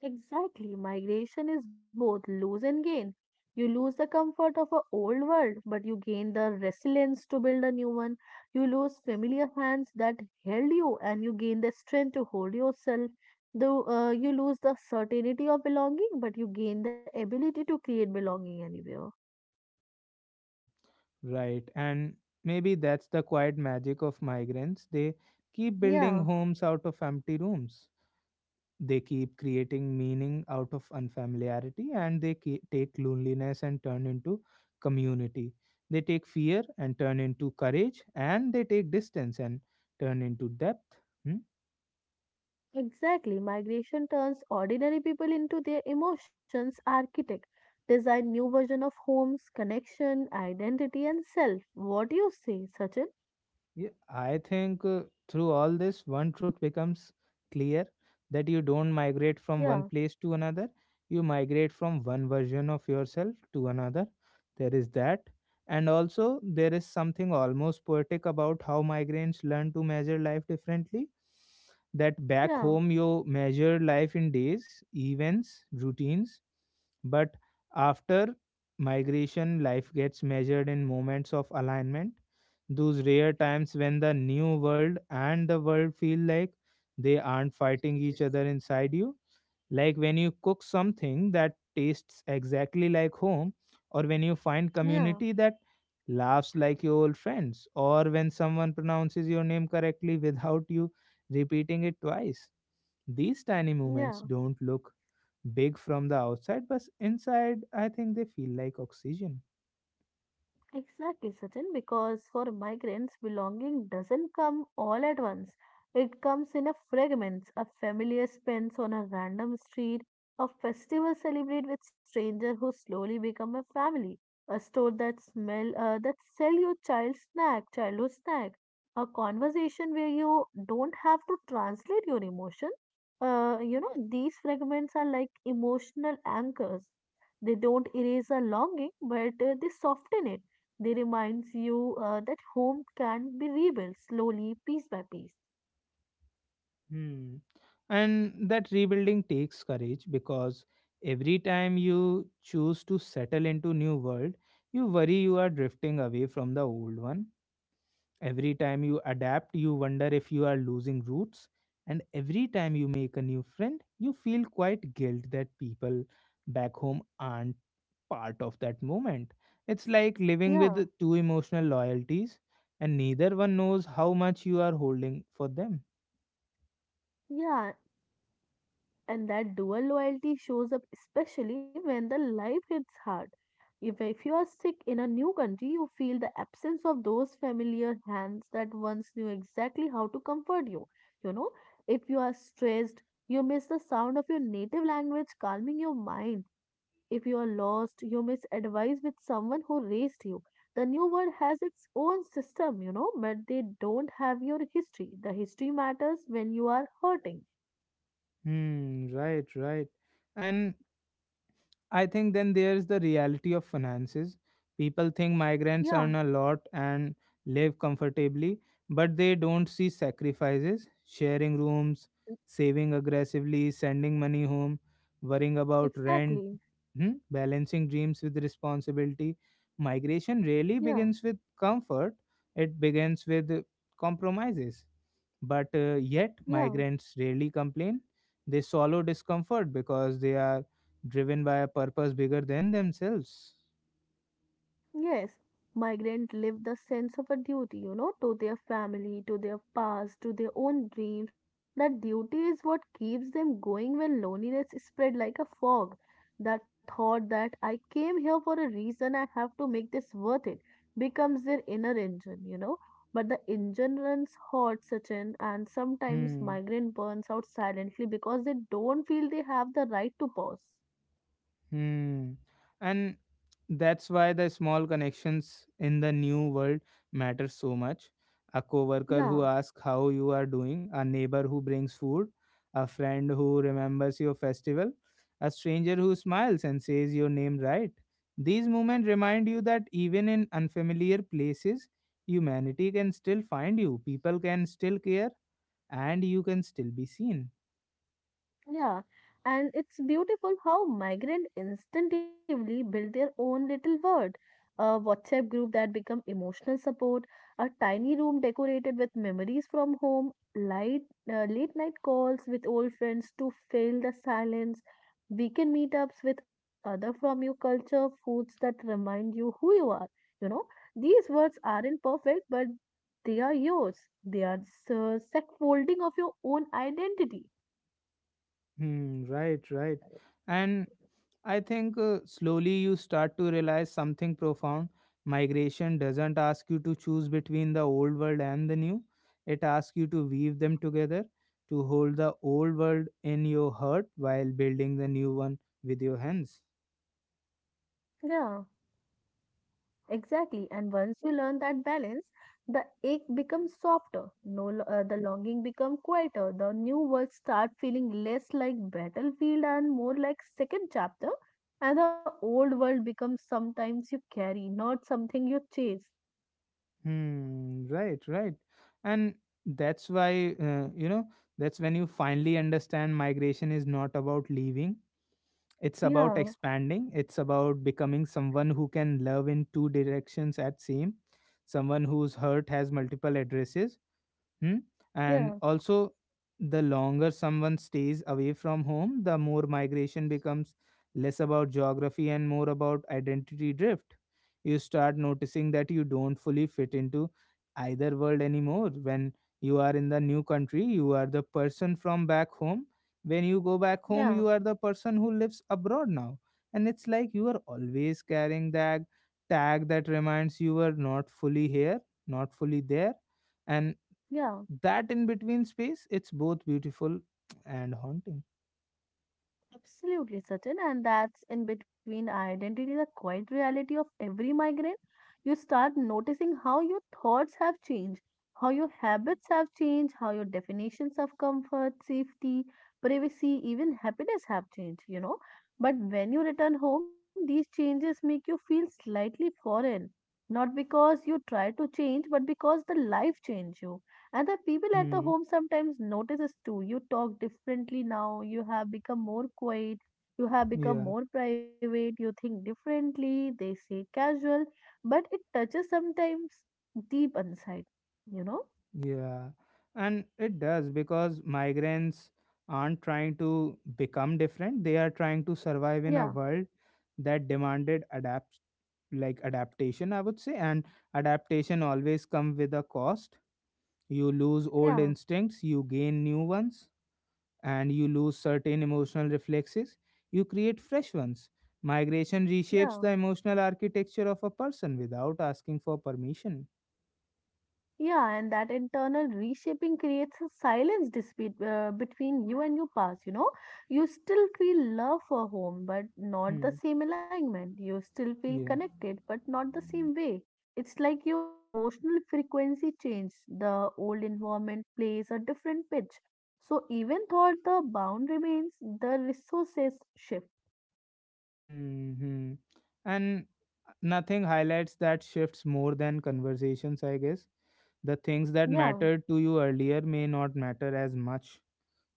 B: Exactly, migration is both lose and gain. You lose the comfort of an old world, but you gain the resilience to build a new one. You lose familiar hands that held you, and you gain the strength to hold yourself. Though You lose the certainty of belonging, but you gain the ability to create belonging anywhere.
A: Right. And maybe that's the quiet magic of migrants. They keep building
B: Yeah.
A: homes out of empty rooms. They keep creating meaning out of unfamiliarity and they take loneliness and turn into community. They take fear and turn into courage and they take distance and turn into depth. hmm?
B: Exactly. Migration turns ordinary people into their emotions architect, design new version of homes, connection, identity and self. What do you say, Sachin?
A: Yeah, I think through all this, one truth becomes clear that you don't migrate from one
B: Yeah,
A: place to another, you migrate from one version of yourself to another. There is that. And also, there is something almost poetic about how migrants learn to measure life differently. That back
B: yeah,
A: home, you measure life in days, events, routines, but after migration, life gets measured in moments of alignment, those rare times when the new world and the world feel like they aren't fighting each other inside you. Like when you cook something that tastes exactly like home, or when you find
B: yeah,
A: community that laughs like your old friends, or when someone pronounces your name correctly without you repeating it twice. These tiny moments
B: yeah.
A: don't look big from the outside, but inside, I think they feel like oxygen.
B: Exactly, Sachin, because for migrants, belonging doesn't come all at once. It comes in a fragments, a familiar spends on a random street, a festival celebrated with stranger who slowly become a family, a store that smell that sell you child snack, childhood snack, a conversation where you don't have to translate your emotion. You know, these fragments are like emotional anchors. They don't erase a longing, but they soften it they reminds you that home can be rebuilt slowly, piece by piece.
A: Hmm. And that rebuilding takes courage because every time you choose to settle into new world, you worry you are drifting away from the old one. Every time you adapt, you wonder if you are losing roots. And every time you make a new friend, you feel quite guilt that people back home aren't part of that moment. It's like living
B: Yeah,
A: with two emotional loyalties, and neither one knows how much you are holding for them.
B: yeah, and that dual loyalty shows up especially when the life hits hard if you are sick in a new country you feel the absence of those familiar hands that once knew exactly how to comfort you you know if you are stressed you miss the sound of your native language calming your mind if you are lost you miss advice with someone who raised you the new world has its own system you know but they don't have your history the history matters when you are hurting
A: Hmm, right, right. And I think then there's the reality of finances. People think migrants
B: yeah
A: earn a lot and live comfortably, but they don't see sacrifices, sharing rooms, saving aggressively, sending money home, worrying about rent,
B: Exactly.
A: hmm, balancing dreams with responsibility. Migration really
B: Yeah,
A: begins with comfort, it begins with compromises. But yet,
B: yeah,
A: migrants rarely complain. They swallow discomfort because they are driven by a purpose bigger than themselves.
B: yes. Migrants live the sense of a duty, you know, to their family, to their past, to their own dreams. That duty is what keeps them going when loneliness is spread like a fog. That thought that I came here for a reason, I have to make this worth it, becomes their inner engine, you know. But the engine runs hot, Sachin, and sometimes
A: Hmm.
B: migrant burns out silently because they don't feel they have the right to pause.
A: Hmm. And that's why the small connections in the new world matter so much. A coworker
B: Yeah.
A: who asks how you are doing, a neighbor who brings food, a friend who remembers your festival, a stranger who smiles and says your name right. These moments remind you that even in unfamiliar places, humanity can still find you, people can still care, and you can still be seen.
B: Yeah, and it's beautiful how migrant instinctively build their own little world. A WhatsApp group that become emotional support, a tiny room decorated with memories from home, light late night calls with old friends to fill the silence, weekend meetups with other from your culture, foods that remind you who you are. You know, these words aren't perfect, but they are yours. They are the scaffolding of your own identity.
A: Hmm, right, right. And I think slowly you start to realize something profound. Migration doesn't ask you to choose between the old world and the new, it asks you to weave them together, to hold the old world in your heart while building the new one with your hands.
B: Yeah. Exactly. And once you learn that balance, the ache becomes softer. No, lo- The longing becomes quieter. The new words start feeling less like battlefield and more like second chapter. And the old world becomes sometimes you carry, not something you chase.
A: Hmm, right, right. And that's why, that's when you finally understand migration is not about leaving. It's about
B: Yeah,
A: expanding. It's about becoming someone who can love in two directions at same, someone whose hurt has multiple addresses. Hmm? And
B: yeah,
A: also, the longer someone stays away from home, the more migration becomes less about geography and more about identity drift. You start noticing that you don't fully fit into either world anymore. When you are in the new country, you are the person from back home. When you go back home,
B: yeah,
A: you are the person who lives abroad now. And it's like you are always carrying that tag that reminds you are not fully here, not fully there. And
B: yeah.
A: that in between space, it's both beautiful and haunting.
B: Absolutely, certain, and that's in between identity, the quiet reality of every migraine. You start noticing how your thoughts have changed, how your habits have changed, how your definitions of comfort, safety, privacy, even happiness have changed, you know. But when you return home, these changes make you feel slightly foreign, not because you try to change, but because the life changed you. Other people at the
A: hmm.
B: home sometimes notices too. You talk differently now. You have become more quiet. You have become
A: Yeah,
B: more private. You think differently. They say casual, but it touches sometimes deep inside. You know?
A: yeah, and it does because migrants aren't trying to become different, they are trying to survive in a
B: Yeah,
A: world that demanded adapt, like adaptation I would say. And adaptation always come with a cost. You lose old
B: yeah,
A: instincts, you gain new ones, and you lose certain emotional reflexes, you create fresh ones. Migration
B: yeah.
A: reshapes the emotional architecture of a person without asking for permission.
B: Yeah, and that internal reshaping creates a silence dispute between you and your past. You still feel love for home, but not the
A: Hmm.
B: same alignment. You still feel
A: Yeah.
B: connected, but not the same way. It's like your emotional frequency changed. The old environment plays a different pitch. So even though the bound remains, the resources shift.
A: hmm And nothing highlights that shifts more than conversations, I guess. The things that
B: Yeah,
A: mattered to you earlier may not matter as much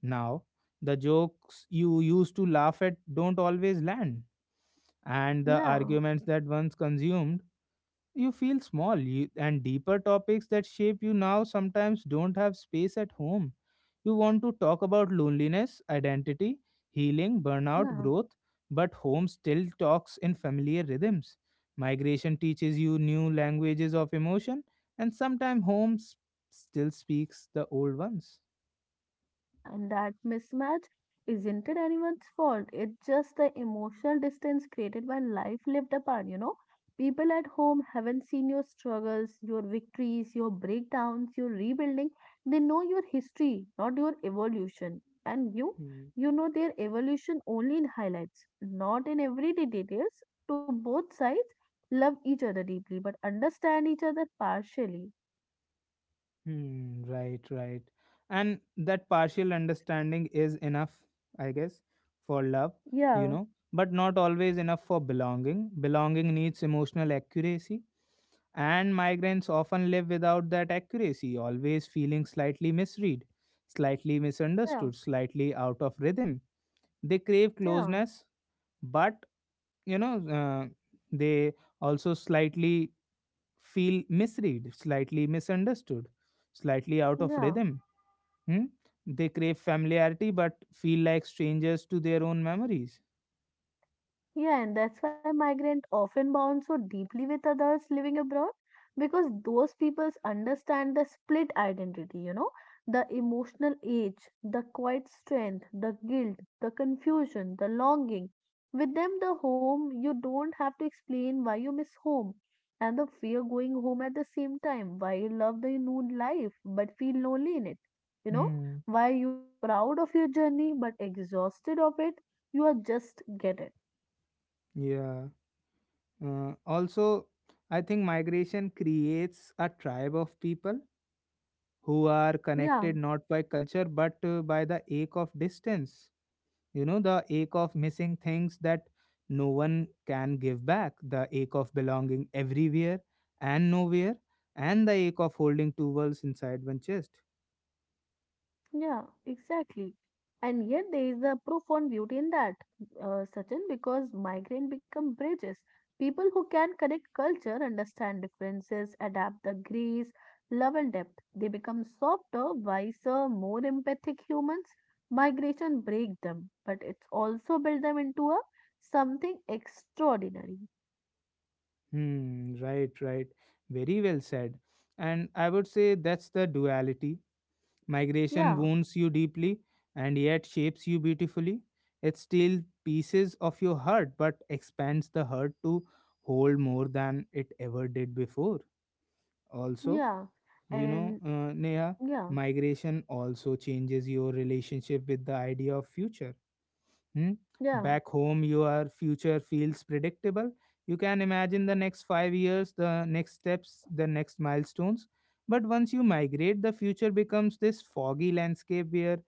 A: now. The jokes you used to laugh at don't always land, and the
B: yeah,
A: arguments that once consumed you feel small, you, and deeper topics that shape you now sometimes don't have space at home. You want to talk about loneliness, identity, healing, burnout,
B: yeah.
A: growth, but home still talks in familiar rhythms. Migration teaches you new languages of emotion, and sometimes still speaks the old ones.
B: Yeah, and that mismatch isn't it anyone's fault. It's just the emotional distance created by life lived apart. People at home haven't seen your struggles, your victories, your breakdowns, your rebuilding. They know your history, not your evolution. And you know their evolution only in highlights, not in everyday details. To both sides, love each other deeply, but understand each other partially.
A: Hmm, right, right. And that partial understanding is enough, I guess, for love, you
B: Yeah,
A: know, but not always enough for belonging. Belonging needs emotional accuracy, and migrants often live without that accuracy, always feeling slightly misread, slightly
B: yeah,
A: misunderstood, slightly out of rhythm. They crave
B: yeah,
A: closeness, but, you know, uh, they also slightly feel misread, slightly misunderstood, slightly out of
B: yeah.
A: rhythm. Hmm? They crave familiarity but feel like strangers to their own memories.
B: Yeah, and that's why migrants often bond so deeply with others living abroad because those peoples understand the split identity, the emotional age, the quiet strength, the guilt, the confusion, the longing. With them, the home, you don't have to explain why you miss home and the fear going home at the same time, why you love the new life but feel lonely in it, you know,
A: Hmm.
B: why you are proud of your journey but exhausted of it. You are just get it.
A: Yeah. Also, I think migration creates a tribe of people who are
B: Yeah,
A: connected not by culture but by the ache of distance. You know, the ache of missing things that no one can give back, the ache of belonging everywhere and nowhere, and the ache of holding two worlds inside one chest.
B: yeah, exactly. And yet there is a profound beauty in that, Sachin, because migrant become bridges. People who can connect culture, understand differences, adapt the grace, love and depth. They become softer, wiser, more empathic humans. Migration break them, but it's also build them into a something extraordinary.
A: Hmm, right, right. Very well said. And I would say that's the duality. Migration
B: Yeah,
A: wounds you deeply and yet shapes you beautifully. It steals pieces of your heart but expands the heart to hold more than it ever did before. Also,
B: yeah,
A: you know,
B: and
A: Neha,
B: yeah,
A: migration also changes your relationship with the idea of future. Hmm?
B: yeah,
A: Back home, your future feels predictable. You can imagine the next 5 years, the next steps, the next milestones. But once you migrate, the future becomes this foggy landscape where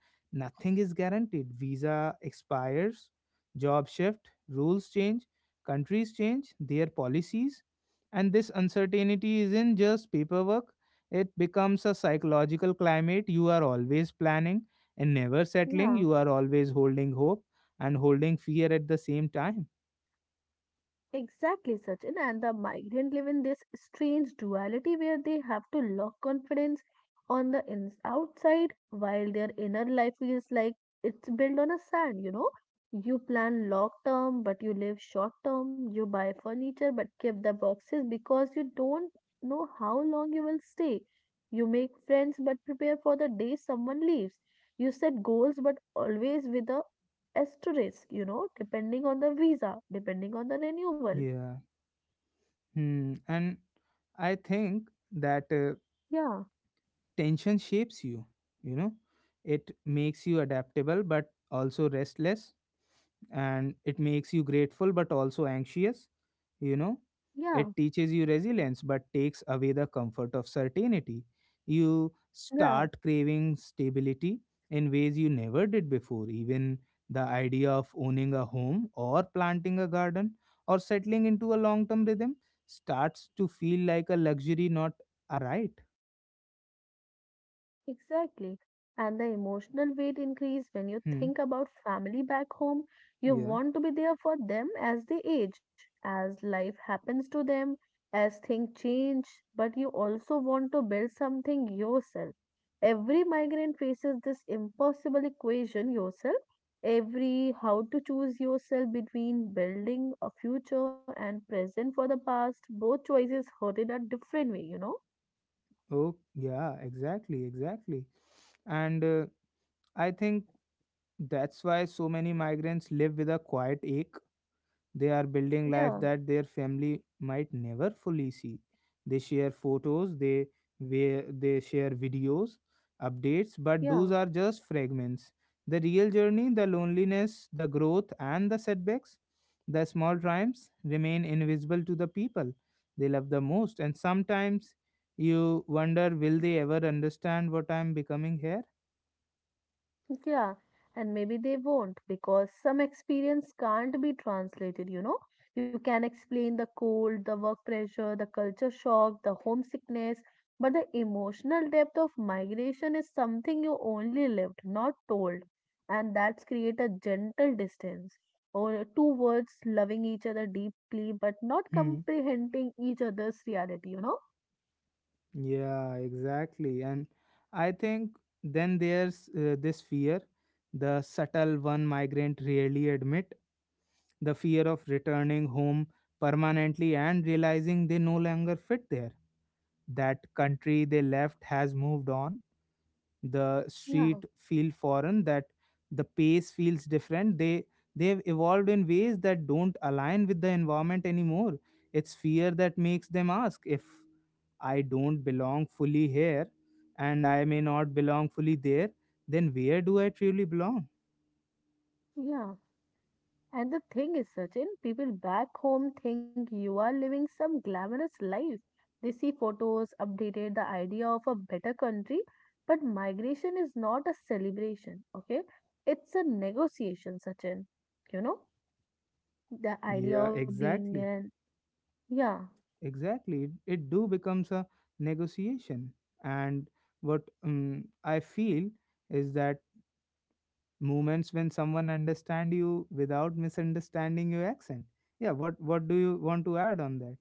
A: nothing is guaranteed. Visa expires, job shift, rules change, countries change, their policies. And this uncertainty isn't just paperwork, it becomes a psychological climate. You are always planning and never settling,
B: yeah.
A: you are always holding hope and holding fear at the same time.
B: Exactly, Sachin. And the migrant live in this strange duality where they have to lock confidence on the ins outside while their inner life is like it's built on a sand, you know. You plan long term, but you live short term. You buy furniture, but keep the boxes because you don't know how long you will stay. You make friends, but prepare for the day someone leaves. You set goals, but always with a asterisk, depending on the visa, depending on the renewal.
A: Yeah. Hmm. And I think that
B: Yeah,
A: tension shapes you, you know, it makes you adaptable but also restless, and it makes you grateful but also anxious, you know,
B: yeah,
A: it teaches you resilience but takes away the comfort of certainty. You
B: yeah.
A: start craving stability in ways you never did before. Even the idea of owning a home or planting a garden or settling into a long term rhythm starts to feel like a luxury, not a right.
B: Exactly. And the emotional weight increase when you
A: hmm.
B: think about family back home. You
A: Yeah.
B: want to be there for them as they age, as life happens to them, as things change, but you also want to build something yourself. Every migrant faces this impossible equation yourself. Every how to choose yourself between building a future and present for the past, both choices hurt in a different way, you know?
A: Oh yeah, exactly, exactly. And I think that's why so many migrants live with a quiet ache. They are building life
B: Yeah,
A: that their family might never fully see. They share photos, they share videos, updates, but those
B: yeah.
A: are just fragments. The real journey, the loneliness, the growth, and the setbacks, the small triumphs remain invisible to the people they love the most. And sometimes you wonder, will they ever understand what I'm becoming here?
B: Yeah, and maybe they won't because some experience can't be translated, you know. You can explain the cold, the work pressure, the culture shock, the homesickness, but the emotional depth of migration is something you only lived, not told. And that's create a gentle distance. Or two words loving each other deeply but not
A: Hmm.
B: comprehending each other's reality, you know?
A: Yeah, exactly. And I think then there's this fear, the subtle one migrant rarely admit, the fear of returning home permanently and realizing they no longer fit there. That country they left has moved on. The
B: Yeah,
A: street feel foreign, that the pace feels different. They've evolved in ways that don't align with the environment anymore. It's fear that makes them ask, if I don't belong fully here and I may not belong fully there, then where do I truly belong?
B: yeah. And the thing is, Sachin, people back home think you are living some glamorous life. They see photos, updated, the idea of a better country. But migration is not a celebration, okay? It's a negotiation, Sachin. You know, the idea
A: Yeah,
B: of being
A: exactly.
B: an, yeah.
A: Exactly. It do becomes a negotiation. And what I feel is that moments when someone understand you without misunderstanding your accent. Yeah, what do you want to add on that?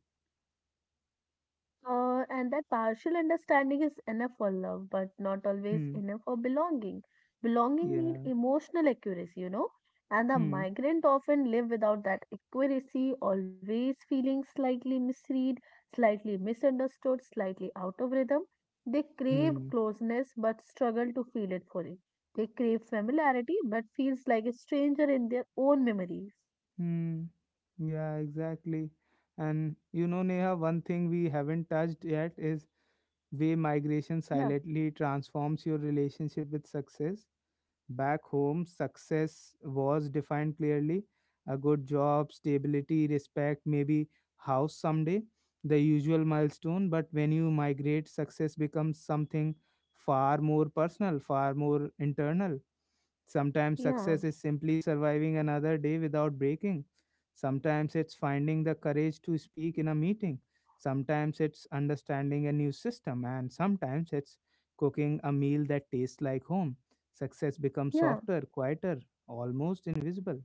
B: And that partial understanding is enough for love, but not always
A: Hmm.
B: enough for belonging. Belonging need
A: Yeah.
B: emotional accuracy, you know, and the
A: Hmm.
B: migrant often live without that accuracy, always feeling slightly misread, slightly misunderstood, slightly out of rhythm. They crave
A: Hmm.
B: closeness but struggle to feel it fully. They crave familiarity but feels like a stranger in their own memories.
A: Hmm. Yeah, exactly. And you know, Neha, one thing we haven't touched yet is way migration
B: Yeah,
A: silently transforms your relationship with success. Back home, success was defined clearly, a good job, stability, respect, maybe house someday, the usual milestone. But when you migrate, success becomes something far more personal, far more internal. Sometimes
B: yeah,
A: success is simply surviving another day without breaking. Sometimes it's finding the courage to speak in a meeting. Sometimes it's understanding a new system. And sometimes it's cooking a meal that tastes like home. Success becomes
B: yeah.
A: softer, quieter, almost invisible.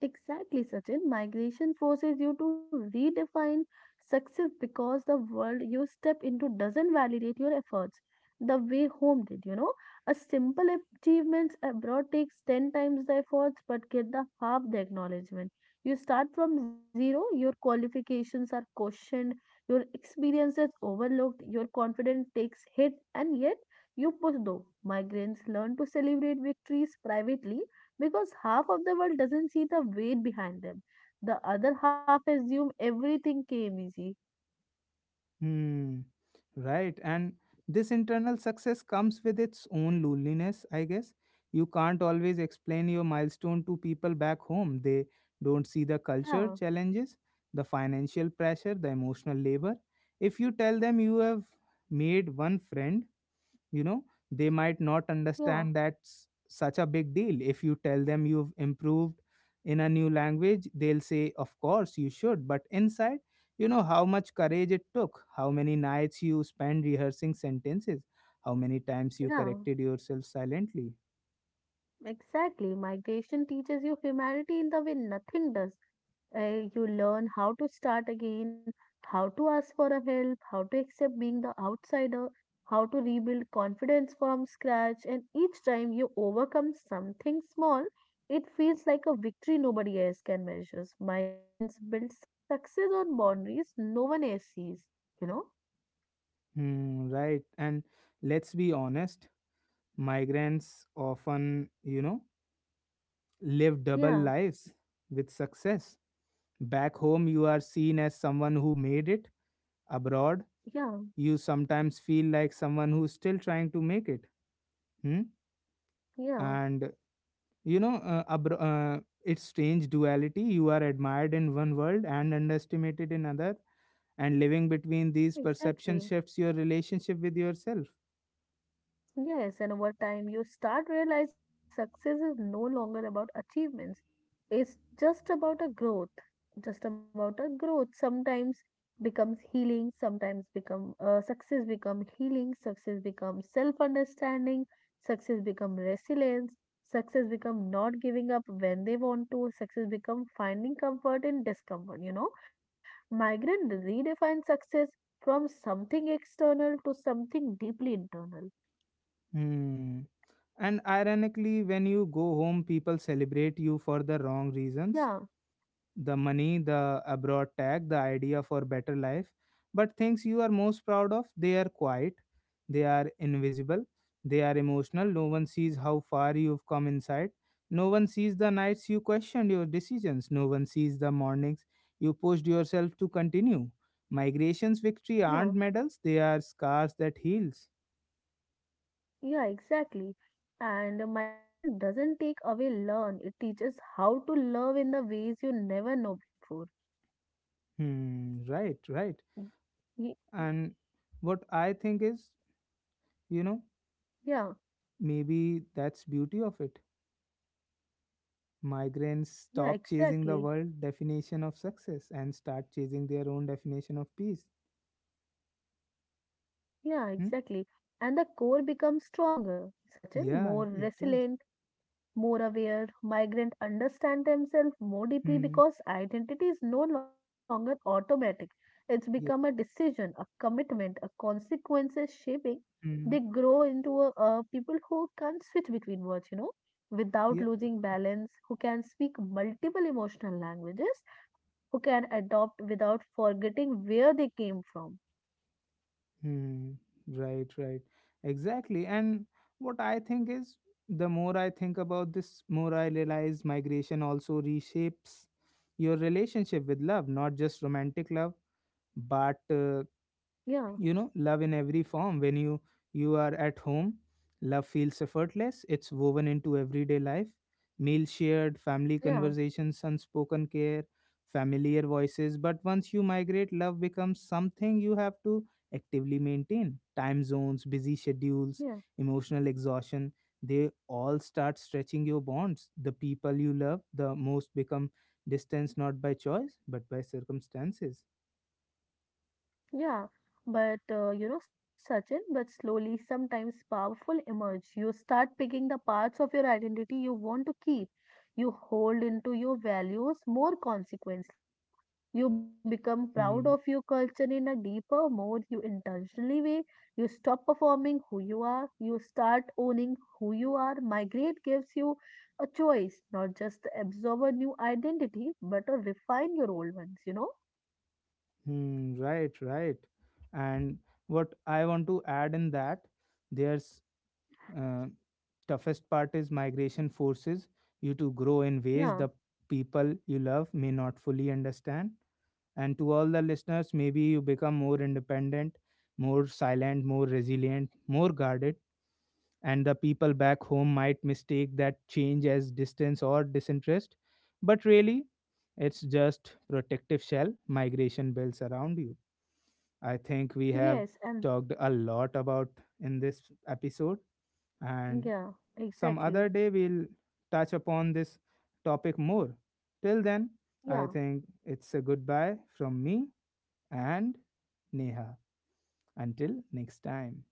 B: Exactly, Sachin. Migration forces you to redefine success because the world you step into doesn't validate your efforts the way home did, you know. A simple achievement abroad takes 10 times the efforts but get the half the acknowledgement. You start from zero, your qualifications are questioned, your experience is overlooked, your confidence takes hit, and yet you push though. Migrants learn to celebrate victories privately because half of the world doesn't see the weight behind them. The other half assume everything came easy.
A: Hmm. Right. And this internal success comes with its own loneliness, I guess. You can't always explain your milestone to people back home. They don't see the culture
B: Yeah,
A: challenges, the financial pressure, the emotional labor. If you tell them you have made one friend, you know, they might not
B: yeah,
A: understand that's such a big deal. If you tell them you've improved in a new language, they'll say of course you should, but inside you know how much courage it took, how many nights you spent rehearsing sentences, how many times you
B: yeah.
A: corrected yourself silently.
B: Exactly. Migration teaches you humanity in the way nothing does. You learn how to start again, how to ask for a help, how to accept being the outsider, how to rebuild confidence from scratch. And each time you overcome something small, it feels like a victory nobody else can measure. Migrants build success on boundaries no one else sees, you know?
A: Hmm, right. And let's be honest, migrants often, you know, live double
B: Yeah,
A: lives. With success back home, you are seen as someone who made it. Abroad,
B: yeah,
A: you sometimes feel like someone who's still trying to make it. Hmm?
B: yeah,
A: And you know, it's strange duality. You are admired in one world and underestimated in another. And living between these
B: exactly.
A: perceptions shifts your relationship with yourself.
B: Yes, and over time you start realizing that success is no longer about achievements. It's just about a growth. Just about a growth. Sometimes becomes healing, sometimes become success become healing, success becomes self-understanding, success become resilience, success become not giving up when they want to, success become finding comfort in discomfort, you know. Migrant redefines success from something external to something deeply internal.
A: Hmm. And ironically, when you go home, people celebrate you for the wrong reasons,
B: Yeah,
A: the money, the abroad tag, the idea for better life. But things you are most proud of, they are quiet, they are invisible, they are emotional. No one sees how far you've come inside. No one sees the nights you questioned your decisions. No one sees the mornings you pushed yourself to continue. Migration's victory
B: yeah,
A: aren't medals, they are scars that heals.
B: yeah, exactly. And migration doesn't take away learn, it teaches how to love in the ways you never know before.
A: Hmm, right, right.
B: Y-
A: And what I think is, you know,
B: Yeah,
A: maybe that's beauty of it. Migrants
B: yeah,
A: stop chasing the
B: exactly.
A: world definition of success and start chasing their own definition of peace.
B: Yeah,
A: Hmm?
B: exactly. And the core becomes stronger, certain, more
A: Yeah, it does.
B: resilient, more aware. Migrants understand themselves more deeply
A: Hmm.
B: because identity is no longer automatic. It's become a
A: Yeah.
B: decision, a commitment, a consequences shaping. They
A: Hmm.
B: grow into a people who can switch between words, you know, without
A: Yeah.
B: losing balance, who can speak multiple emotional languages, who can adopt without forgetting where they came from.
A: Hmm. Right, right. Exactly. And what I think is, the more I think about this, more I realize migration also reshapes your relationship with love, not just romantic love, but
B: Yeah,
A: you know, love in every form. When you are at home, love feels effortless, it's woven into everyday life, meals shared, family
B: yeah,
A: conversations, unspoken care, familiar voices. But once you migrate, love becomes something you have to actively maintain. Time zones, busy schedules,
B: yeah.
A: emotional exhaustion, they all start stretching your bonds. The people you love the most become distance, not by choice but by circumstances.
B: Yeah, but you know, Sachin, but slowly, sometimes powerful emerge. You start picking the parts of your identity you want to keep. You hold into your values more consequently, you know. You become proud of your
A: Hmm.
B: culture in a deeper, more you intentionally way. You stop performing who you are. You start owning who you are. Migrate gives you a choice, not just to absorb a new identity, but to refine your old ones, you know.
A: Hmm, right, right. And what I want to add in that, there's uh, toughest part is migration forces you to grow in ways
B: Yeah.
A: the people you love may not fully understand. And to all the listeners, maybe you become more independent, more silent, more resilient, more guarded. And the people back home might mistake that change as distance or disinterest. But really, it's just protective shell migration builds around you. I think we
B: Yes,
A: have
B: and
A: talked a lot about in this episode, and
B: yeah,
A: some
B: exactly.
A: other day we'll touch upon this topic more. Till then, I
B: Yeah.
A: think it's a goodbye from me and Neha. Until next time.